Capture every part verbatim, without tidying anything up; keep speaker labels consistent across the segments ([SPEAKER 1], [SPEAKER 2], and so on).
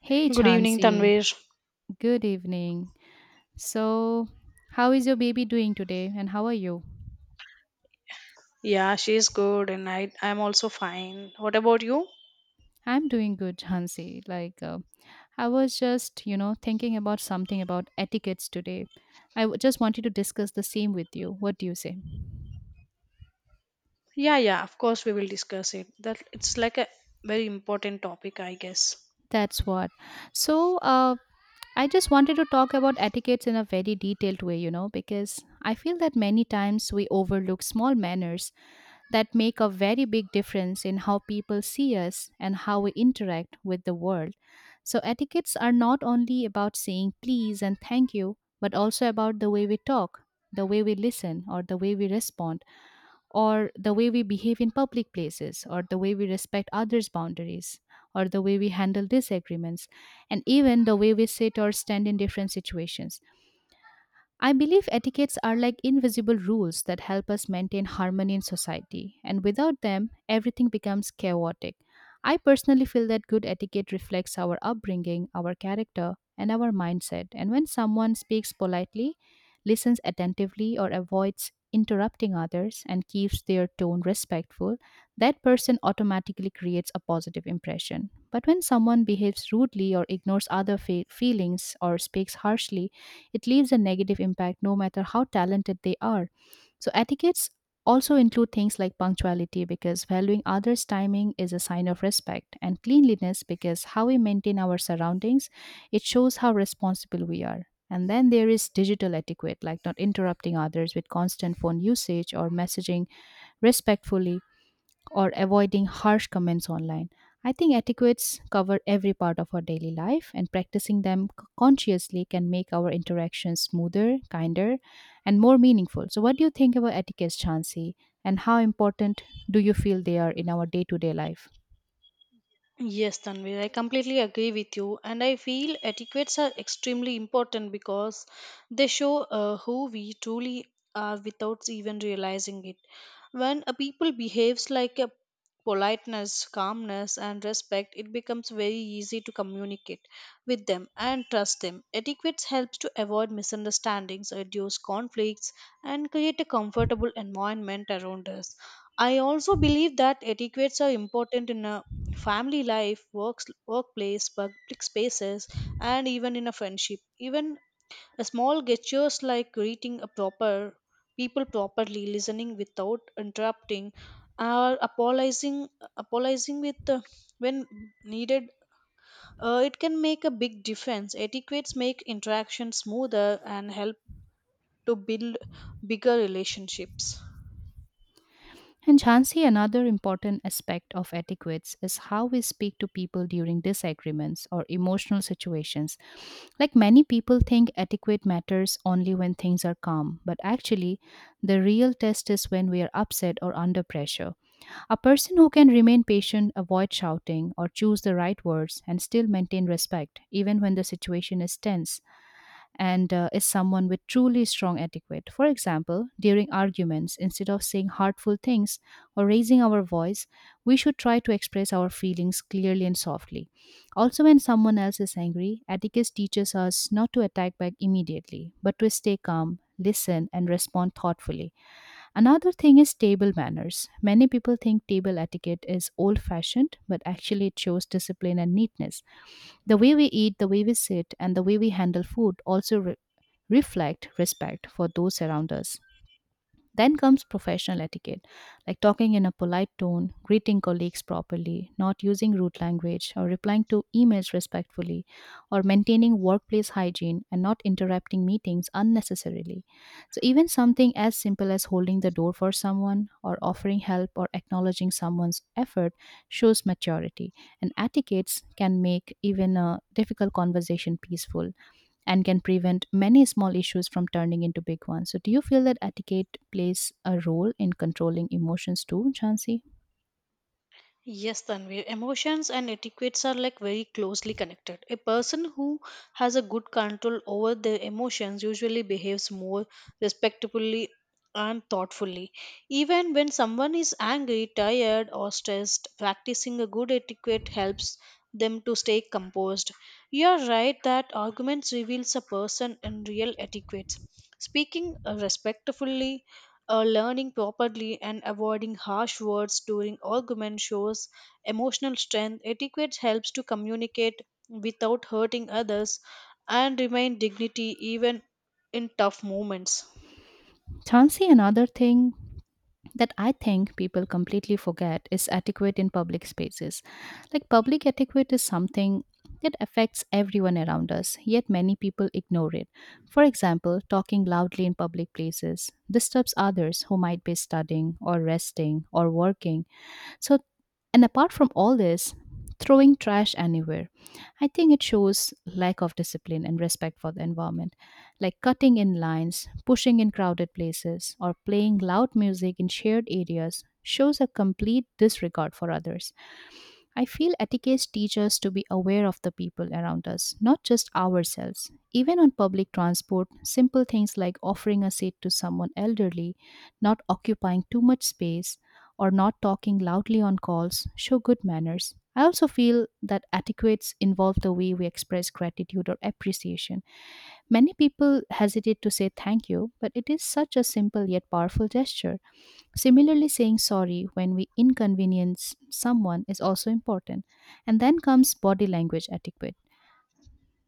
[SPEAKER 1] Hey
[SPEAKER 2] Good evening,
[SPEAKER 1] Chansey,
[SPEAKER 2] Tanvir.
[SPEAKER 1] good evening. So, how is your baby doing today and how are you?
[SPEAKER 2] Yeah, she's good, and I I'm also fine. What about you?
[SPEAKER 1] I'm doing good, Chansey. Like, uh, I was just, you know, thinking about something about etiquettes today. I w- just wanted to discuss the same with you. What do you say?
[SPEAKER 2] Yeah, yeah. Of course, we will discuss it. That it's like a very important topic, I guess.
[SPEAKER 1] That's what. So, uh, I just wanted to talk about etiquettes in a very detailed way, you know, because I feel that many times we overlook small manners that make a very big difference in how people see us and how we interact with the world. So, etiquettes are not only about saying please and thank you, but also about the way we talk, the way we listen, or the way we respond, or the way we behave in public places, or the way we respect others' boundaries, or the way we handle disagreements, and even the way we sit or stand in different situations. I believe etiquettes are like invisible rules that help us maintain harmony in society, and without them, everything becomes chaotic. I personally feel that good etiquette reflects our upbringing, our character, and our mindset. And when someone speaks politely, listens attentively, or avoids interrupting others and keeps their tone respectful, that person automatically creates a positive impression. But when someone behaves rudely or ignores other fe- feelings or speaks harshly, it leaves a negative impact no matter how talented they are. So, etiquettes also include things like punctuality because valuing others' timing is a sign of respect, and cleanliness because how we maintain our surroundings it shows how responsible we are. And then there is digital etiquette, like not interrupting others with constant phone usage or messaging respectfully or avoiding harsh comments online. I think etiquettes cover every part of our daily life, and practicing them c- consciously can make our interactions smoother, kinder, and more meaningful. So, what do you think about etiquettes, Chansi, and how important do you feel they are in our day to day life?
[SPEAKER 2] Yes, Tanvi, I completely agree with you, and I feel etiquettes are extremely important because they show uh, who we truly are without even realizing it. When a people behaves like a politeness, calmness, and respect, it becomes very easy to communicate with them and trust them. Etiquette helps to avoid misunderstandings, reduce conflicts, and create a comfortable environment around us. I also believe that etiquettes are important in a family life, works, workplace, public spaces, and even in a friendship. Even a small gestures like greeting a proper people properly, listening without interrupting, or apologizing, apologizing with uh, when needed, uh, it can make a big difference. Etiquettes make interaction smoother and help to build bigger relationships.
[SPEAKER 1] And Jhansi, another important aspect of etiquettes is how we speak to people during disagreements or emotional situations. Like many people think etiquette matters only when things are calm, but actually, the real test is when we are upset or under pressure. A person who can remain patient, avoid shouting, or choose the right words and still maintain respect, even when the situation is tense, and uh, is someone with truly strong etiquette. For example, during arguments, instead of saying hurtful things or raising our voice, we should try to express our feelings clearly and softly. Also, when someone else is angry, etiquette teaches us not to attack back immediately, but to stay calm. Listen and respond thoughtfully. Another thing is table manners. Many people think table etiquette is old fashioned, but actually it shows discipline and neatness. The way we eat, the way we sit, and the way we handle food also re- reflect respect for those around us. Then comes professional etiquette, like talking in a polite tone, greeting colleagues properly, not using rude language, or replying to emails respectfully, or maintaining workplace hygiene and not interrupting meetings unnecessarily. So, even something as simple as holding the door for someone, or offering help, or acknowledging someone's effort shows maturity, and etiquettes can make even a difficult conversation peaceful and can prevent many small issues from turning into big ones. So, do you feel that etiquette plays a role in controlling emotions too, Chansi?
[SPEAKER 2] Yes, Tanvir. Emotions and etiquettes are like very closely connected. A person who has a good control over their emotions usually behaves more respectfully and thoughtfully. Even when someone is angry, tired, or stressed, practicing a good etiquette helps them to stay composed. You are right that arguments reveals a person in real etiquette. Speaking uh, respectfully, uh, learning properly and avoiding harsh words during argument shows emotional strength. Etiquette helps to communicate without hurting others and remain dignity even in tough moments.
[SPEAKER 1] Chansi, another thing that I think people completely forget is etiquette in public spaces. Like, public etiquette is something that affects everyone around us, yet many people ignore it. For example, talking loudly in public places disturbs others who might be studying or resting or working. So, and apart from all this, throwing trash anywhere, I think it shows lack of discipline and respect for the environment, like cutting in lines, pushing in crowded places, or playing loud music in shared areas shows a complete disregard for others. I feel etiquette teaches us to be aware of the people around us, not just ourselves. Even on public transport, simple things like offering a seat to someone elderly, not occupying too much space, or not talking loudly on calls show good manners. I also feel that etiquettes involve the way we express gratitude or appreciation. Many people hesitate to say thank you, but it is such a simple yet powerful gesture. Similarly, saying sorry when we inconvenience someone is also important. And then comes body language etiquette,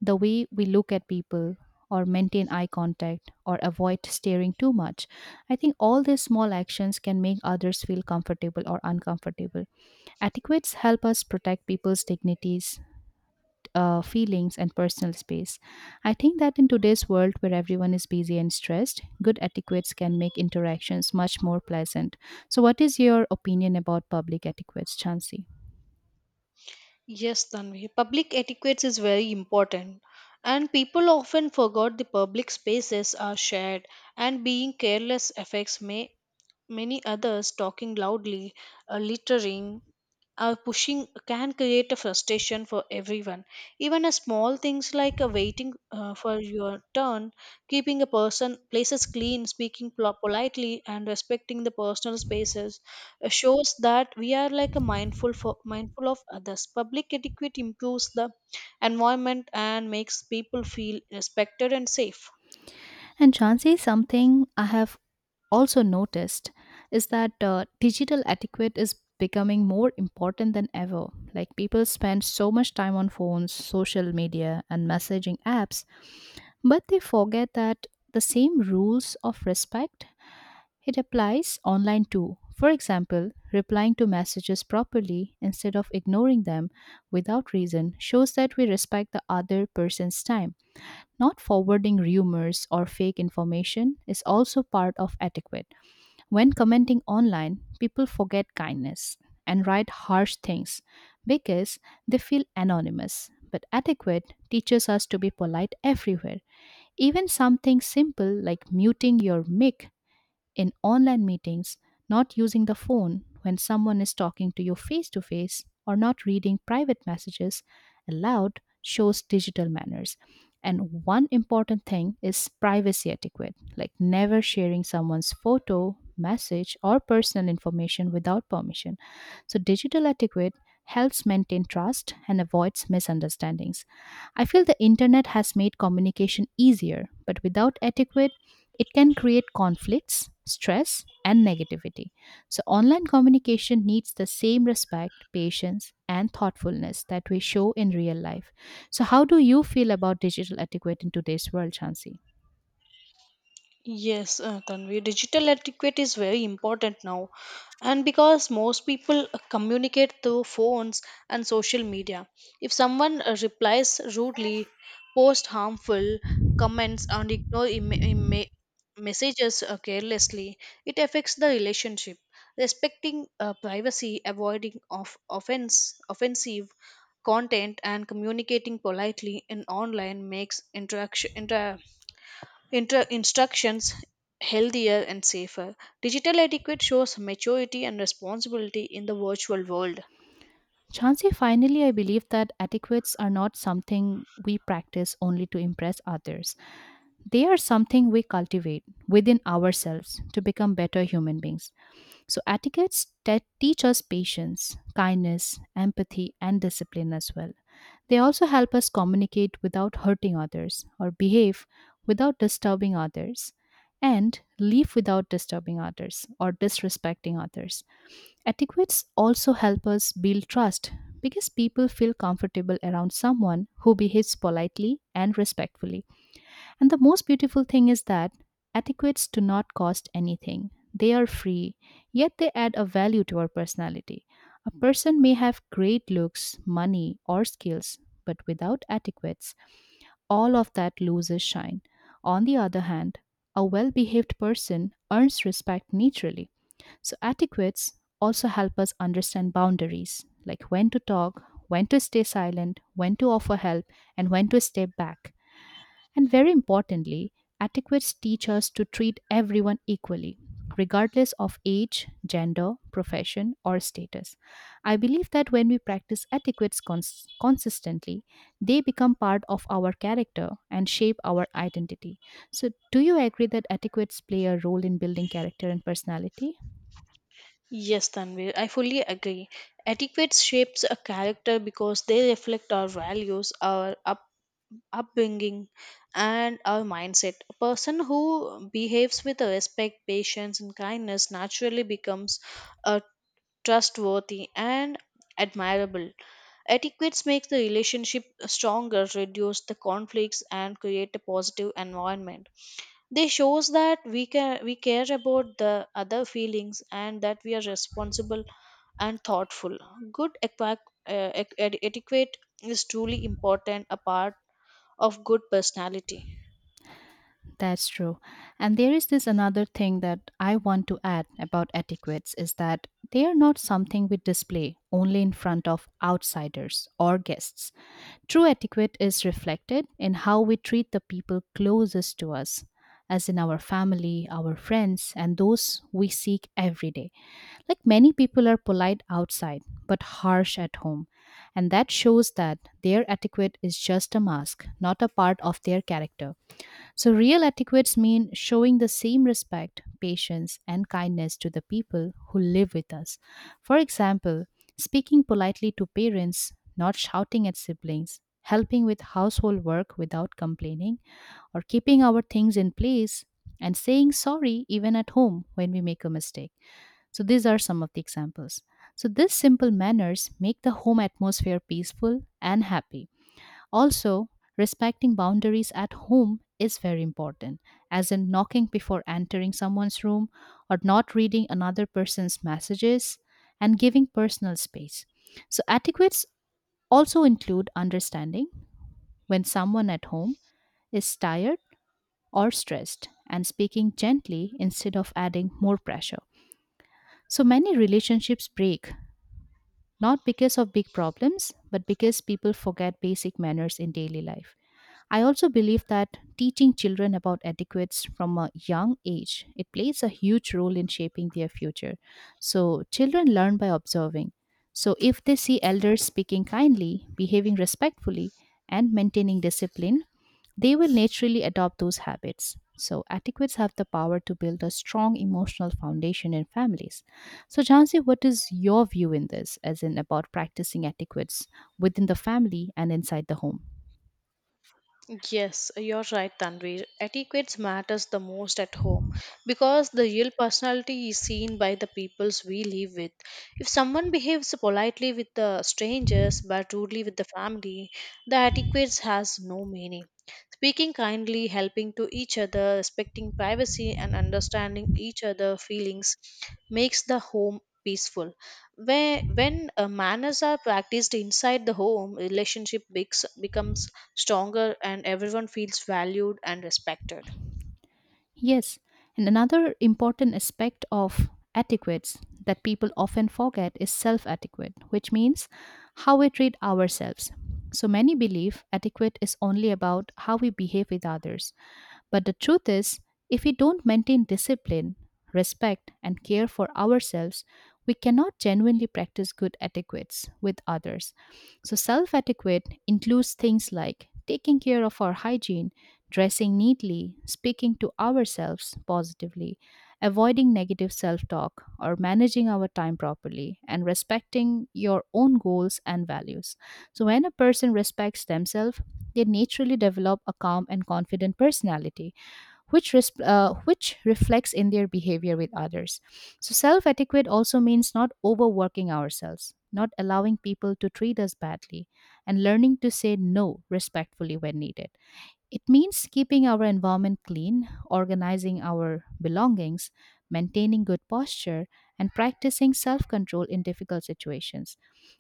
[SPEAKER 1] the way we look at people, or maintain eye contact, or avoid staring too much. I think all these small actions can make others feel comfortable or uncomfortable. Etiquettes help us protect people's dignities, uh, feelings and personal space. I think that in today's world where everyone is busy and stressed, good etiquettes can make interactions much more pleasant. So, what is your opinion about public etiquettes, Chansey?
[SPEAKER 2] Yes, Tanvi. Public etiquette is very important. And people often forgot the public spaces are shared, and being careless affects may, many others talking loudly, uh, littering, our pushing can create a frustration for everyone. Even a small things like a waiting uh, for your turn, keeping a person places clean, speaking pol- politely, and respecting the personal spaces uh, shows that we are like a mindful for, mindful of others. Public etiquette improves the environment and makes people feel respected and safe.
[SPEAKER 1] And Chansey, something I have also noticed is that uh, digital etiquette is becoming more important than ever. Like people spend so much time on phones, social media, and messaging apps, but they forget that the same rules of respect it applies online too. For example, replying to messages properly instead of ignoring them without reason shows that we respect the other person's time. Not forwarding rumors or fake information is also part of etiquette. When commenting online, people forget kindness and write harsh things because they feel anonymous. But etiquette teaches us to be polite everywhere. Even something simple like muting your mic in online meetings, not using the phone when someone is talking to you face to face or not reading private messages aloud shows digital manners. And one important thing is privacy etiquette, like never sharing someone's photo, message, or personal information without permission. So, digital etiquette helps maintain trust and avoids misunderstandings. I feel the internet has made communication easier, but without etiquette, it can create conflicts, stress, and negativity. So, online communication needs the same respect, patience, and thoughtfulness that we show in real life. So, how do you feel about digital etiquette in today's world, Chansi?
[SPEAKER 2] Yes, uh, Tanvi, digital etiquette is very important now, and because most people communicate through phones and social media, if someone uh, replies rudely, posts harmful comments and ignore em- em- messages uh, carelessly, it affects the relationship, respecting uh, privacy, avoiding of offense offensive content and communicating politely in online makes interaction inter- Inter- instructions healthier and safer. Digital etiquette shows maturity and responsibility in the virtual world.
[SPEAKER 1] Chansi, finally, I believe that etiquettes are not something we practice only to impress others. They are something we cultivate within ourselves to become better human beings. So, etiquettes te- teach us patience, kindness, empathy, and discipline as well. They also help us communicate without hurting others or behave without disturbing others and leave without disturbing others or disrespecting others. Etiquettes also help us build trust because people feel comfortable around someone who behaves politely and respectfully. And the most beautiful thing is that etiquettes do not cost anything. They are free, yet they add a value to our personality. A person may have great looks, money, or skills, but without etiquettes, all of that loses shine. On the other hand, a well behaved person earns respect naturally. So, etiquettes also help us understand boundaries, like when to talk, when to stay silent, when to offer help, and when to step back. And very importantly, etiquettes teach us to treat everyone equally, regardless of age, gender, profession, or status. I believe that when we practice etiquettes cons- consistently, they become part of our character and shape our identity. So, do you agree that etiquettes play a role in building character and personality?
[SPEAKER 2] Yes, Tanvir, I fully agree. Etiquette shapes a character because they reflect our values, our up- upbringing, and our mindset. A person who behaves with respect, patience, and kindness naturally becomes a trustworthy, and admirable. Etiquettes makes the relationship stronger, reduce the conflicts, and create a positive environment. They shows that we can we care about the other feelings and that we are responsible and thoughtful. Good equa- uh, ec- ed- etiquette is truly important a part of good personality.
[SPEAKER 1] That's true. And there is this another thing that I want to add about etiquettes is that they are not something we display only in front of outsiders or guests. True etiquette is reflected in how we treat the people closest to us, as in our family, our friends, and those we seek every day. Like many people are polite outside but harsh at home, and that shows that their etiquette is just a mask, not a part of their character. So, real etiquettes mean showing the same respect, patience, and kindness to the people who live with us. For example, speaking politely to parents, not shouting at siblings, helping with household work without complaining, or keeping our things in place and saying sorry even at home when we make a mistake. So, these are some of the examples. So, these simple manners make the home atmosphere peaceful and happy. Also, respecting boundaries at home is very important, as in knocking before entering someone's room or not reading another person's messages and giving personal space. So, etiquettes also include understanding when someone at home is tired or stressed and speaking gently instead of adding more pressure. So, many relationships break not because of big problems, but because people forget basic manners in daily life. I also believe that teaching children about etiquettes from a young age it plays a huge role in shaping their future. So children learn by observing. So if they see elders speaking kindly, behaving respectfully and maintaining discipline, they will naturally adopt those habits. So etiquettes have the power to build a strong emotional foundation in families. So Jansi, what is your view in this as in about practicing etiquettes within the family and inside the home?
[SPEAKER 2] Yes, you're right, Tanvir. Etiquette matters the most at home because the real personality is seen by the peoples we live with. If someone behaves politely with the strangers but rudely with the family, the etiquette has no meaning. Speaking kindly, helping to each other, respecting privacy, and understanding each other's feelings makes the home peaceful. Where when uh, manners are practiced inside the home, relationship becs- becomes stronger and everyone feels valued and respected.
[SPEAKER 1] Yes, and another important aspect of etiquettes that people often forget is self etiquette, which means how we treat ourselves. So many believe etiquette is only about how we behave with others. But the truth is, if we don't maintain discipline, respect, and care for ourselves, we cannot genuinely practice good etiquettes with others. So, self etiquette includes things like taking care of our hygiene, dressing neatly, speaking to ourselves positively, avoiding negative self talk, or managing our time properly, and respecting your own goals and values. So, when a person respects themselves, they naturally develop a calm and confident personality, which, res- uh, which reflects in their behavior with others. So, self etiquette also means not overworking ourselves, not allowing people to treat us badly, and learning to say no respectfully when needed. It means keeping our environment clean, organizing our belongings, maintaining good posture, and practicing self control in difficult situations.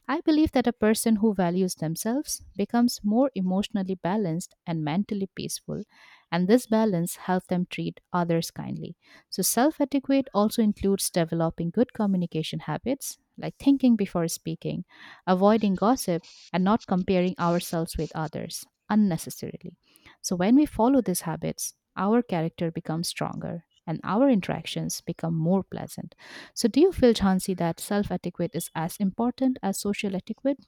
[SPEAKER 1] I believe that a person who values themselves becomes more emotionally balanced and mentally peaceful, and this balance helps them treat others kindly. So, self etiquette also includes developing good communication habits like thinking before speaking, avoiding gossip, and not comparing ourselves with others unnecessarily. So when we follow these habits, our character becomes stronger and our interactions become more pleasant. So do you feel, Chansey, that self-etiquette is as important as social etiquette?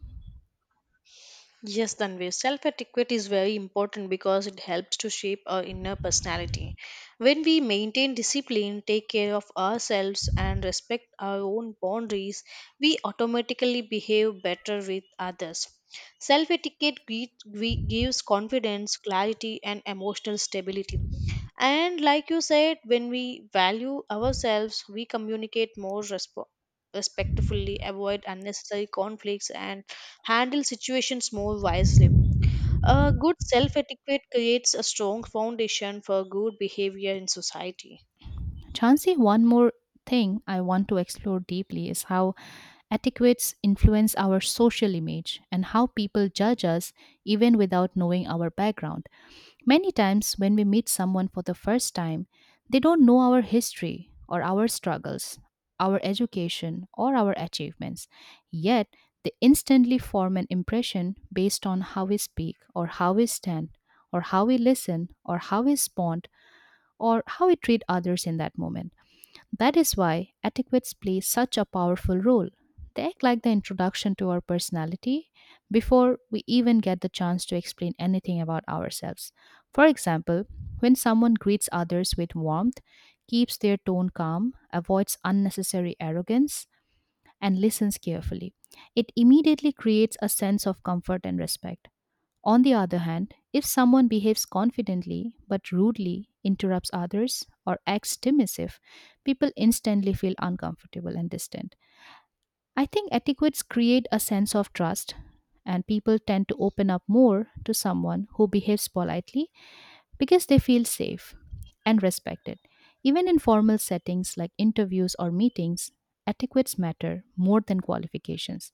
[SPEAKER 2] Yes, Tanvi, self etiquette is very important because it helps to shape our inner personality. When we maintain discipline, take care of ourselves, and respect our own boundaries, we automatically behave better with others. Self etiquette gives confidence, clarity, and emotional stability. And like you said, when we value ourselves, we communicate more resp- respectfully, avoid unnecessary conflicts, and handle situations more wisely. A good self etiquette creates a strong foundation for good behavior in society.
[SPEAKER 1] Chansey, one more thing I want to explore deeply is how etiquettes influence our social image and how people judge us even without knowing our background. Many times, when we meet someone for the first time, they don't know our history or our struggles, our education or our achievements. Yet, they instantly form an impression based on how we speak or how we stand or how we listen or how we respond or how we treat others in that moment. That is why etiquettes play such a powerful role. They act like the introduction to our personality before we even get the chance to explain anything about ourselves. For example, when someone greets others with warmth, keeps their tone calm, avoids unnecessary arrogance, and listens carefully, it immediately creates a sense of comfort and respect. On the other hand, if someone behaves confidently but rudely, interrupts others, or acts dismissive, people instantly feel uncomfortable and distant. I think etiquettes create a sense of trust, and people tend to open up more to someone who behaves politely because they feel safe and respected. Even in formal settings like interviews or meetings, etiquettes matter more than qualifications.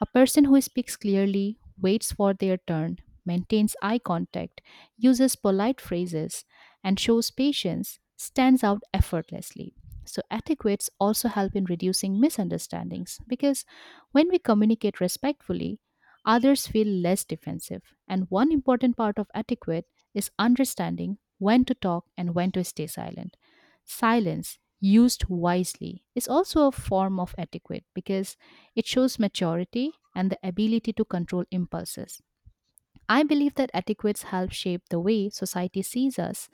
[SPEAKER 1] A person who speaks clearly, waits for their turn, maintains eye contact, uses polite phrases, and shows patience stands out effortlessly. So, etiquettes also help in reducing misunderstandings because when we communicate respectfully, others feel less defensive. And one important part of etiquette is understanding when to talk and when to stay silent. Silence, used wisely, is also a form of etiquette because it shows maturity and the ability to control impulses. I believe that etiquettes help shape the way society sees us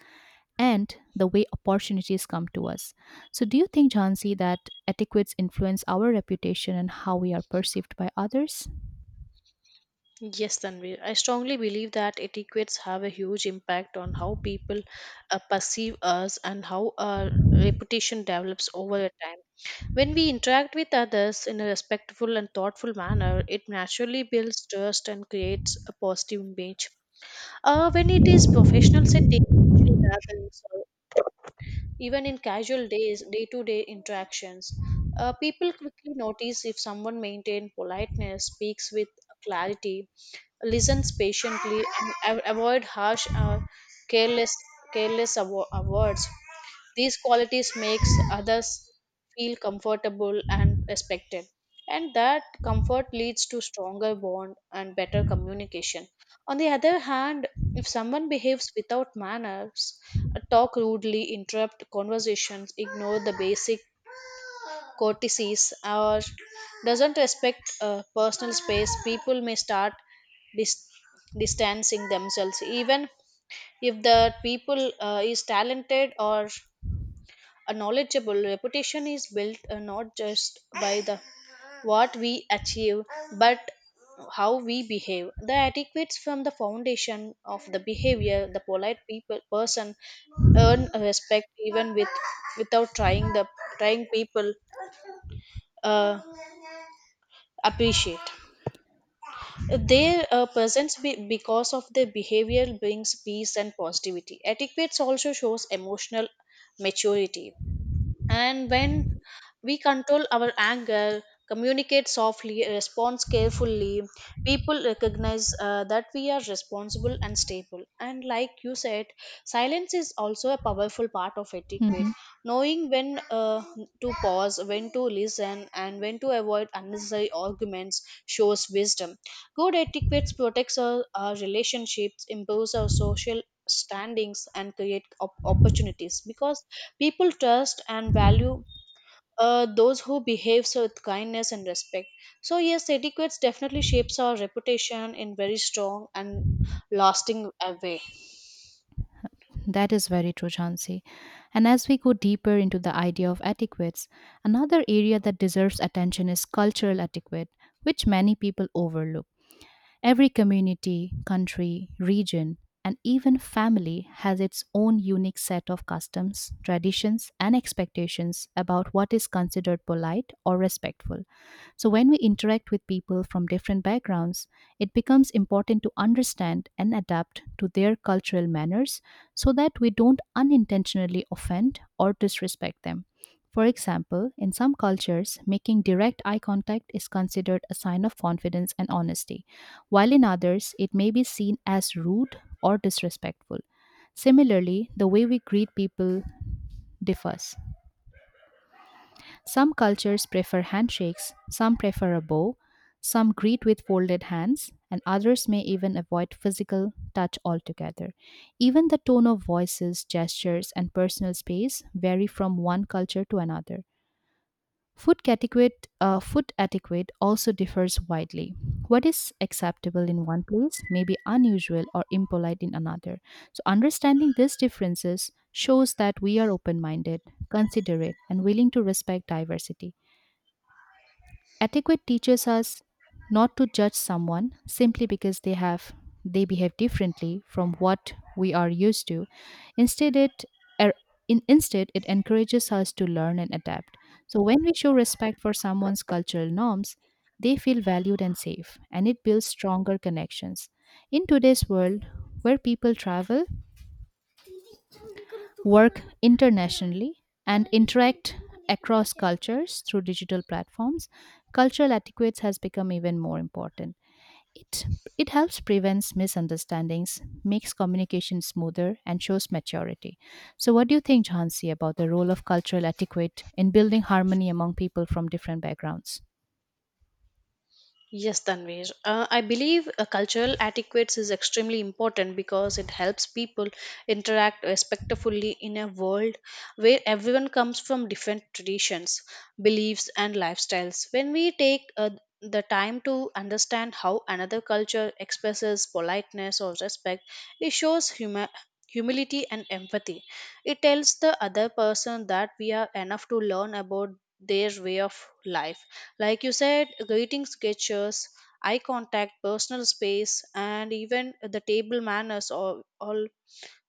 [SPEAKER 1] and the way opportunities come to us. So, do you think, Jhansi, that etiquettes influence our reputation and how we are perceived by others?
[SPEAKER 2] Yes, Tanvi. I strongly believe that etiquettes have a huge impact on how people uh, perceive us and how our reputation develops over a time. When we interact with others in a respectful and thoughtful manner, it naturally builds trust and creates a positive image. Uh, when it is professional setting, social gatherings, even in casual days, day to day interactions, uh, people quickly notice if someone maintains politeness, speaks with clarity, listens patiently, and av- avoid harsh or careless, careless avo- uh, words. These qualities makes others feel comfortable and respected, and that comfort leads to stronger bond and better communication. On the other hand, if someone behaves without manners, uh, talk rudely, interrupt conversations, ignore the basic courtesies or doesn't respect uh, personal space, people may start dis- distancing themselves even if the people uh, is talented or a knowledgeable. Reputation is built uh, not just by the what we achieve, but how we behave. The etiquettes from the foundation of the behavior, the polite people person earn respect even with without trying. The trying people uh, appreciate their uh, presence be- because of their behavior brings peace and positivity. Etiquette also shows emotional maturity, and when we control our anger, communicate softly, respond carefully. People recognize uh, that we are responsible and stable. And like you said, silence is also a powerful part of etiquette.
[SPEAKER 1] Mhm.
[SPEAKER 2] Knowing when uh, to pause, when to listen, and when to avoid unnecessary arguments shows wisdom. Good etiquette protects our, our relationships, improves our social standings, and create op- opportunities because people trust and value uh, those who behaves with kindness and respect. So yes, etiquette definitely shapes our reputation in very strong and lasting uh, way.
[SPEAKER 1] That is very true, Chansi. And as we go deeper into the idea of etiquettes, another area that deserves attention is cultural etiquette, which many people overlook. Every community, country, region, and even family has its own unique set of customs, traditions, and expectations about what is considered polite or respectful. So, when we interact with people from different backgrounds, it becomes important to understand and adapt to their cultural manners so that we don't unintentionally offend or disrespect them. For example, in some cultures, making direct eye contact is considered a sign of confidence and honesty, while in others it may be seen as rude or disrespectful. Similarly, the way we greet people differs. Some cultures prefer handshakes, some prefer a bow, some greet with folded hands, and others may even avoid physical touch altogether. Even the tone of voices, gestures, and personal space vary from one culture to another. Food etiquette, uh, food etiquette also differs widely. What is acceptable in one place may be unusual or impolite in another. So, understanding these differences shows that we are open minded, considerate, and willing to respect diversity. Etiquette teaches us not to judge someone simply because they have they behave differently from what we are used to. Instead it er, in, instead it encourages us to learn and adapt. So when we show respect for someone's cultural norms, they feel valued and safe and it builds stronger connections. In today's world where people travel, work internationally, and interact across cultures through digital platforms, cultural etiquette has become even more important. It, it helps prevents misunderstandings, makes communication smoother, and shows maturity. So, what do you think, Jhansi, about the role of cultural etiquette in building harmony among people from different backgrounds?
[SPEAKER 2] Yes, Tanvir. Uh, I believe uh, cultural etiquette is extremely important because it helps people interact respectfully in a world where everyone comes from different traditions, beliefs, and lifestyles. When we take uh, the time to understand how another culture expresses politeness or respect, it shows huma- humility and empathy. It tells the other person that we are enough to learn about their way of life. Like you said, greeting gestures, eye contact, personal space, and even the table manners, all, all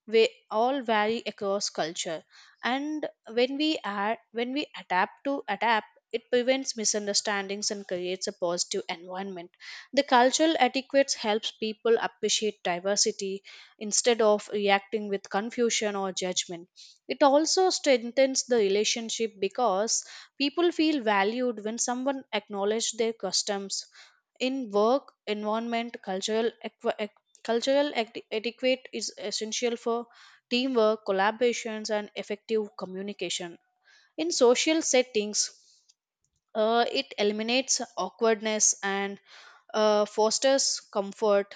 [SPEAKER 2] we all vary across culture. And when we add when we adapt to adapt, it prevents misunderstandings and creates a positive environment. The cultural etiquette helps people appreciate diversity instead of reacting with confusion or judgment. It also strengthens the relationship because people feel valued when someone acknowledges their customs. In work, environment, cultural, equi- ec- cultural eti- etiquette is essential for teamwork, collaborations, and effective communication. In social settings, uh, it eliminates awkwardness and uh, fosters comfort.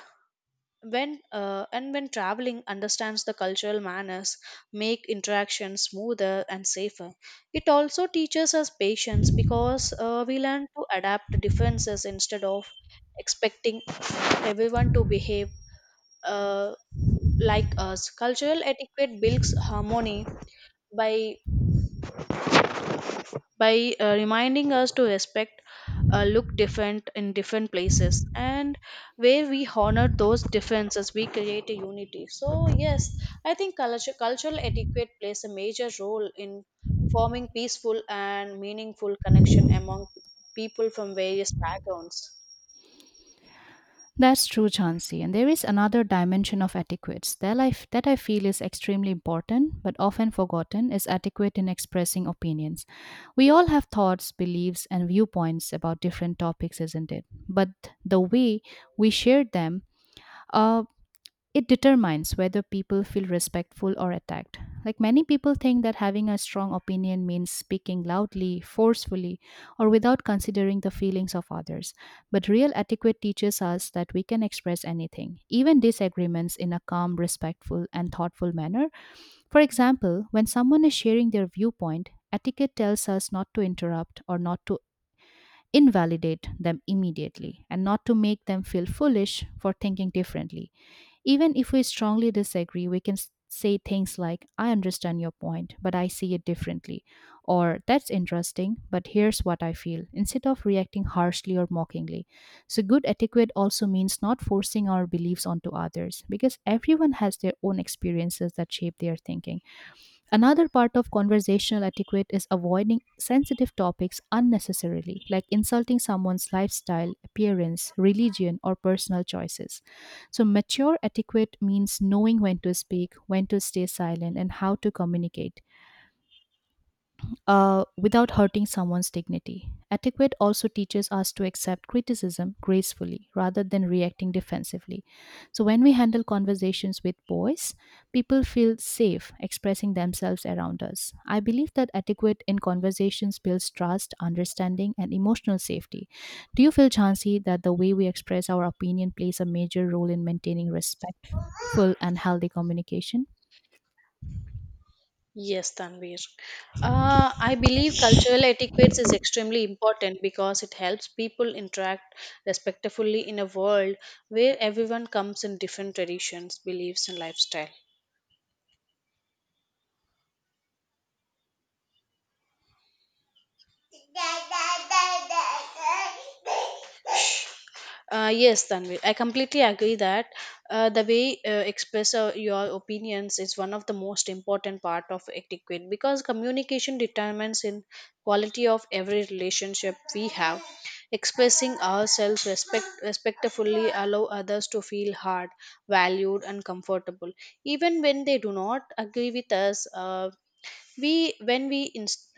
[SPEAKER 2] When uh, and when traveling understands the cultural manners, make interactions smoother and safer. It also teaches us patience because uh, we learn to adapt to differences instead of expecting everyone to behave uh, like us. Cultural etiquette builds harmony by by uh, reminding us to respect uh, look different in different places, and where we honor those differences we create a unity. So yes, I think culture, cultural etiquette plays a major role in forming peaceful and meaningful connection among people from various backgrounds.
[SPEAKER 1] That's true, Chauncey. And there is another dimension of etiquettes that I, that I feel is extremely important but often forgotten is etiquette in expressing opinions. We all have thoughts, beliefs, and viewpoints about different topics, isn't it? But the way we share them uh, it determines whether people feel respectful or attacked. Like many people think that having a strong opinion means speaking loudly, forcefully, or without considering the feelings of others. But real etiquette teaches us that we can express anything, even disagreements, in a calm, respectful, and thoughtful manner. For example, when someone is sharing their viewpoint, etiquette tells us not to interrupt or not to invalidate them immediately and not to make them feel foolish for thinking differently. Even if we strongly disagree, we can s- say things like, "I understand your point, but I see it differently," or "That's interesting, but here's what I feel," instead of reacting harshly or mockingly. So, good etiquette also means not forcing our beliefs onto others because everyone has their own experiences that shape their thinking. Another part of conversational etiquette is avoiding sensitive topics unnecessarily, like insulting someone's lifestyle, appearance, religion, or personal choices. So, mature etiquette means knowing when to speak, when to stay silent, and how to communicate uh, without hurting someone's dignity. Etiquette also teaches us to accept criticism gracefully rather than reacting defensively. So, when we handle conversations with boys, people feel safe expressing themselves around us. I believe that etiquette in conversations builds trust, understanding, and emotional safety. Do you feel, Chansey, that the way we express our opinion plays a major role in maintaining respectful and healthy communication?
[SPEAKER 2] Yes, Tanvir. Uh, I believe cultural etiquettes is extremely important because it helps people interact respectfully in a world where everyone comes in different traditions, beliefs, and lifestyle. Uh, yes, Tanvi, I completely agree that uh, the way uh, express uh, your opinions is one of the most important part of etiquette because communication determines in quality of every relationship we have. Expressing ourselves respect, respectfully allow others to feel heard, valued, and comfortable, even when they do not agree with us. Uh, we when we inst-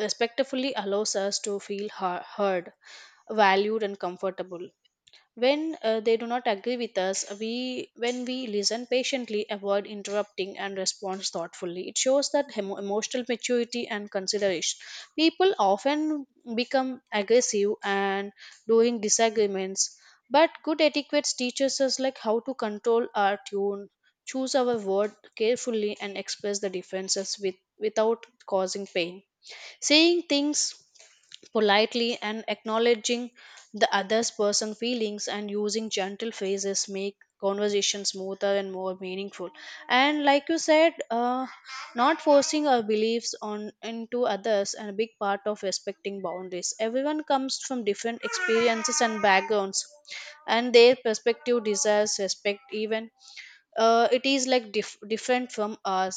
[SPEAKER 2] respectfully allows us to feel hea- heard, valued, and comfortable when uh, they do not agree with us. We when we listen patiently, avoid interrupting and respond thoughtfully, it shows that emo- emotional maturity and consideration. People often become aggressive and during disagreements, but good etiquette teaches us like how to control our tone, choose our word carefully and express the differences with, without causing pain. Saying things politely and acknowledging the other's personal feelings and using gentle phrases make conversation smoother and more meaningful. And like you said, uh, not forcing our beliefs on into others and a big part of respecting boundaries. Everyone comes from different experiences and backgrounds and their perspective deserves respect even uh, it is like dif- different from ours.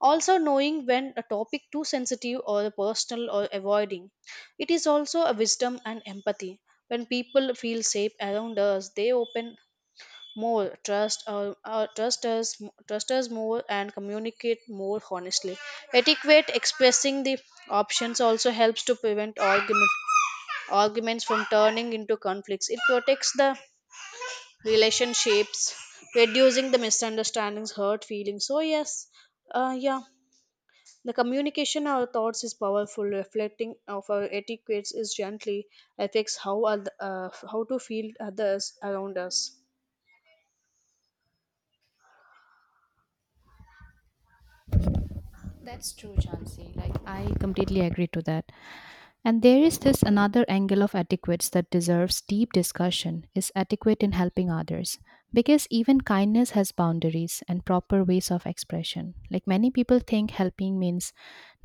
[SPEAKER 2] Also knowing when a topic too sensitive or personal or avoiding it is also a wisdom and empathy. When people feel safe around us, they open more trust or, or trust us, trust us more and communicate more honestly. Etiquette expressing the options also helps to prevent argument arguments from turning into conflicts. It protects the relationships, reducing the misunderstandings, hurt feelings. So yes, uh, yeah, the communication our thoughts is powerful. Reflecting of our etiquettes is gently affects how oth- uh, how to feel others around us.
[SPEAKER 1] That's true, Chansey. Like, I completely agree to that. And there is this another angle of etiquette that deserves deep discussion is etiquette in helping others because even kindness has boundaries and proper ways of expression. Like many people think helping means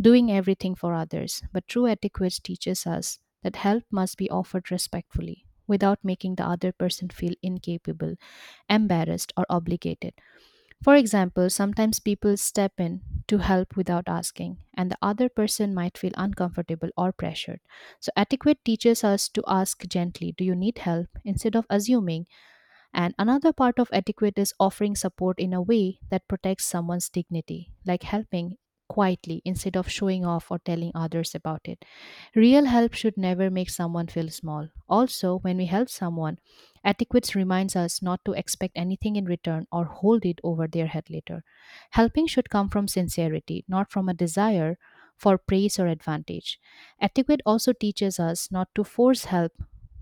[SPEAKER 1] doing everything for others, but true etiquette teaches us that help must be offered respectfully without making the other person feel incapable, embarrassed or obligated. For example, sometimes people step in to help without asking, and the other person might feel uncomfortable or pressured. So, etiquette teaches us to ask gently, "Do you need help?" instead of assuming. And another part of etiquette is offering support in a way that protects someone's dignity, like helping quietly instead of showing off or telling others about it. Real help should never make someone feel small. Also, when we help someone, etiquette reminds us not to expect anything in return or hold it over their head later. Helping should come from sincerity, not from a desire for praise or advantage. Etiquette also teaches us not to force help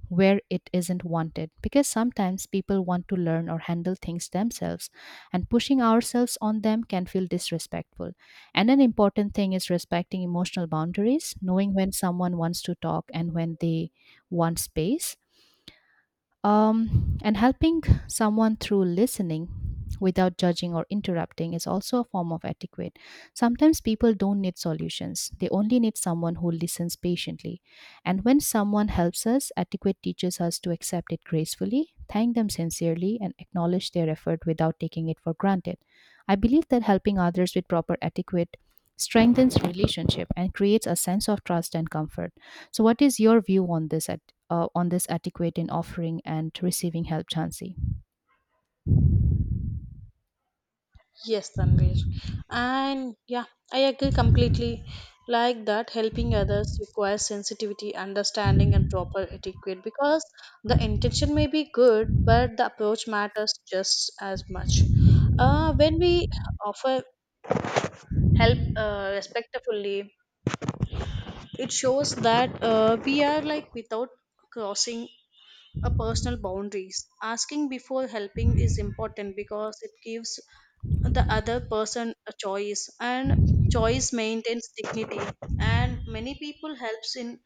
[SPEAKER 1] where it isn't wanted because sometimes people want to learn or handle things themselves and pushing ourselves on them can feel disrespectful, and an important thing is respecting emotional boundaries, knowing when someone wants to talk and when they want space, um, and helping someone through listening without judging or interrupting is also a form of etiquette. Sometimes people don't need solutions, they only need someone who listens patiently. And when someone helps us, etiquette teaches us to accept it gracefully, thank them sincerely, and acknowledge their effort without taking it for granted. I believe that helping others with proper etiquette strengthens relationship and creates a sense of trust and comfort. So, what is your view on this at uh, on this etiquette in offering and receiving help, Chansey?
[SPEAKER 2] Yes, Tanvir. And yeah, I agree completely. Like that, helping others requires sensitivity, understanding, and proper etiquette because the intention may be good, but the approach matters just as much. Uh, when we offer help uh, respectfully, it shows that uh, we are like without crossing a personal boundaries. Asking before helping is important because it gives the other person a choice, and choice maintains dignity. And many people helps in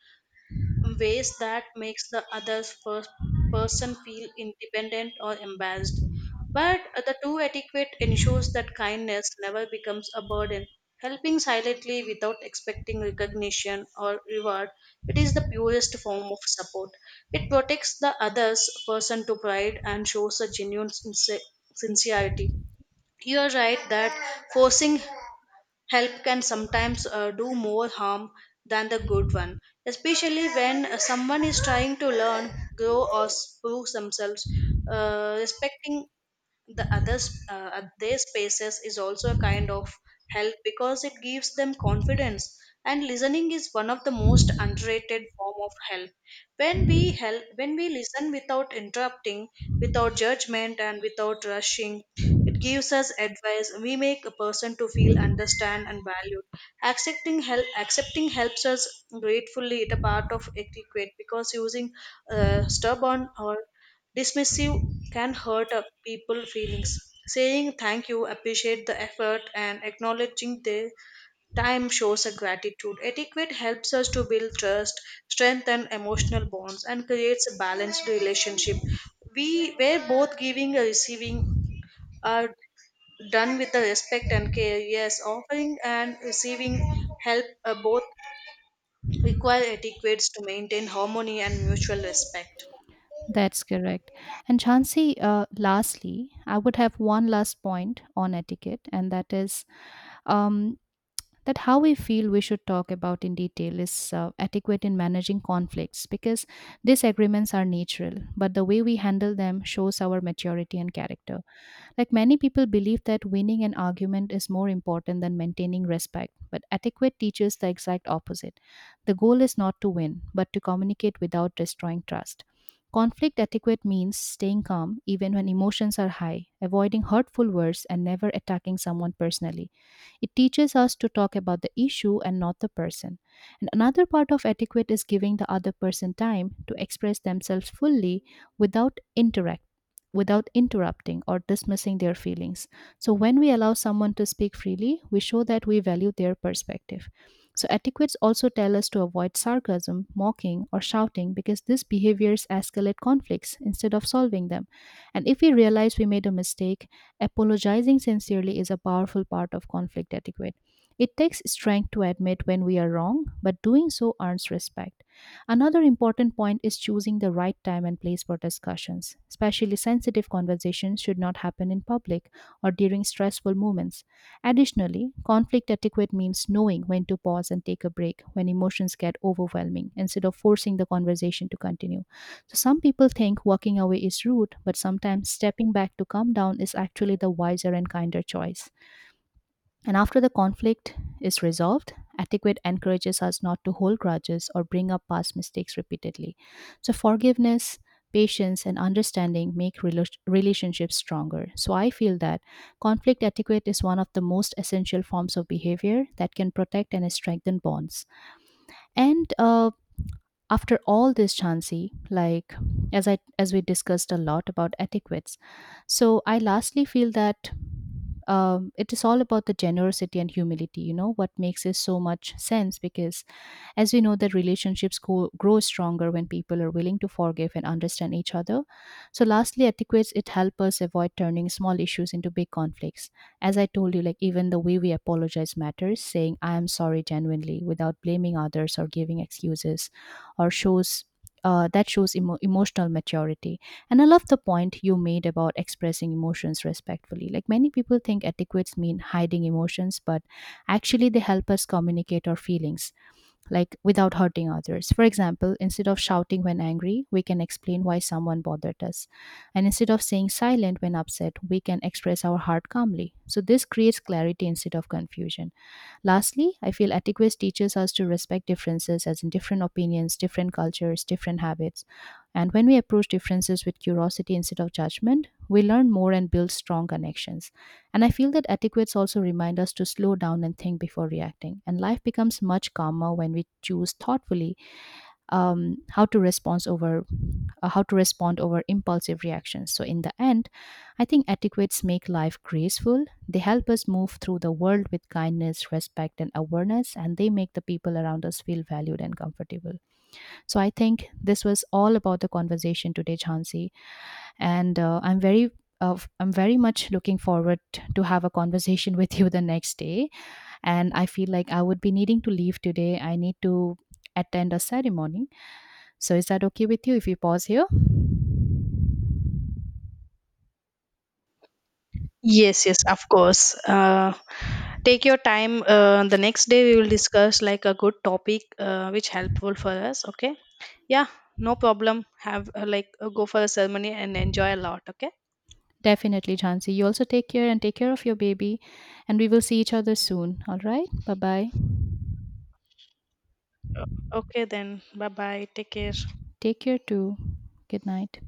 [SPEAKER 2] ways that makes the other first person feel independent or embarrassed. But the true etiquette ensures that kindness never becomes a burden. Helping silently without expecting recognition or reward, it is the purest form of support. It protects the other's person to pride and shows a genuine sincer- sincerity. You are right that forcing help can sometimes uh, do more harm than the good one, especially when uh, someone is trying to learn, grow, or s- prove themselves. Uh, respecting the others uh, their spaces is also a kind of help because it gives them confidence. And listening is one of the most underrated form of help. When we help when we listen without interrupting, without judgment and without rushing, it gives us advice, we make a person to feel understand and valued. Accepting help accepting helps us gratefully, it a part of etiquette because using uh, stubborn or dismissive can hurt a people's feelings. Saying thank you, appreciate the effort, and acknowledging their time shows a gratitude. Etiquette helps us to build trust, strengthen emotional bonds, and creates a balanced relationship, we where both giving and receiving are done with the respect and care. Yes, offering and receiving help uh, both require etiquettes to maintain harmony and mutual respect.
[SPEAKER 1] That's correct. And Chansey, uh, lastly, I would have one last point on etiquette, and that is um, that how we feel we should talk about in detail is uh, etiquette in managing conflicts because disagreements are natural, but the way we handle them shows our maturity and character. Like many people believe that winning an argument is more important than maintaining respect, but etiquette teaches the exact opposite. The goal is not to win, but to communicate without destroying trust. Conflict etiquette means staying calm even when emotions are high, avoiding hurtful words, and never attacking someone personally. It teaches us to talk about the issue and not the person. And another part of etiquette is giving the other person time to express themselves fully without interrupting without interrupting or dismissing their feelings. So, when we allow someone to speak freely, we show that we value their perspective. So, etiquettes also tell us to avoid sarcasm, mocking, or shouting because these behaviors escalate conflicts instead of solving them. And if we realize we made a mistake, apologizing sincerely is a powerful part of conflict etiquette. It takes strength to admit when we are wrong, but doing so earns respect. Another important point is choosing the right time and place for discussions. Especially sensitive conversations should not happen in public or during stressful moments. Additionally, conflict etiquette means knowing when to pause and take a break when emotions get overwhelming instead of forcing the conversation to continue. So, some people think walking away is rude, but sometimes stepping back to calm down is actually the wiser and kinder choice. And after the conflict is resolved, etiquette encourages us not to hold grudges or bring up past mistakes repeatedly. So, forgiveness, patience, and understanding make rela- relationships stronger. So, I feel that conflict etiquette is one of the most essential forms of behavior that can protect and strengthen bonds. And uh, after all this, Chansi, like as I as we discussed a lot about etiquettes, so I lastly feel that um, it is all about the generosity and humility you know what makes it so much sense because as we know that relationships go, grow stronger when people are willing to forgive and understand each other. So lastly, etiquettes, it help us avoid turning small issues into big conflicts. As I told you, like even the way we apologize matters. Saying I am sorry genuinely without blaming others or giving excuses or shows, uh, that shows emo- emotional maturity. And I love the point you made about expressing emotions respectfully. Like many people think etiquettes mean hiding emotions, but actually they help us communicate our feelings, like without hurting others. For example, instead of shouting when angry, we can explain why someone bothered us. And instead of saying silent when upset, we can express our heart calmly. So this creates clarity instead of confusion. Lastly, I feel etiquette teaches us to respect differences, as in different opinions, different cultures, different habits. And when we approach differences with curiosity instead of judgment, we learn more and build strong connections. And I feel that etiquettes also remind us to slow down and think before reacting. And life becomes much calmer when we choose thoughtfully um, how to respond over uh, how to respond over impulsive reactions. So, in the end, I think etiquettes make life graceful. They help us move through the world with kindness, respect, and awareness, and they make the people around us feel valued and comfortable. So, I think this was all about the conversation today, Chansi, and uh, I'm very of I'm very much looking forward to have a conversation with you the next day. And I feel like I would be needing to leave today. I need to attend a ceremony. So is that okay with you if we pause here?
[SPEAKER 2] Yes, yes, of course. Uh, take your time. Uh, the next day we will discuss like a good topic uh, which helpful for us. Okay. Yeah, no problem. Have uh, like uh, go for the ceremony and enjoy a lot. Okay.
[SPEAKER 1] Definitely, Jhansi. You also take care and take care of your baby. And we will see each other soon. All right. Bye bye.
[SPEAKER 2] Okay then. Bye bye. Take care.
[SPEAKER 1] Take care too. Good night.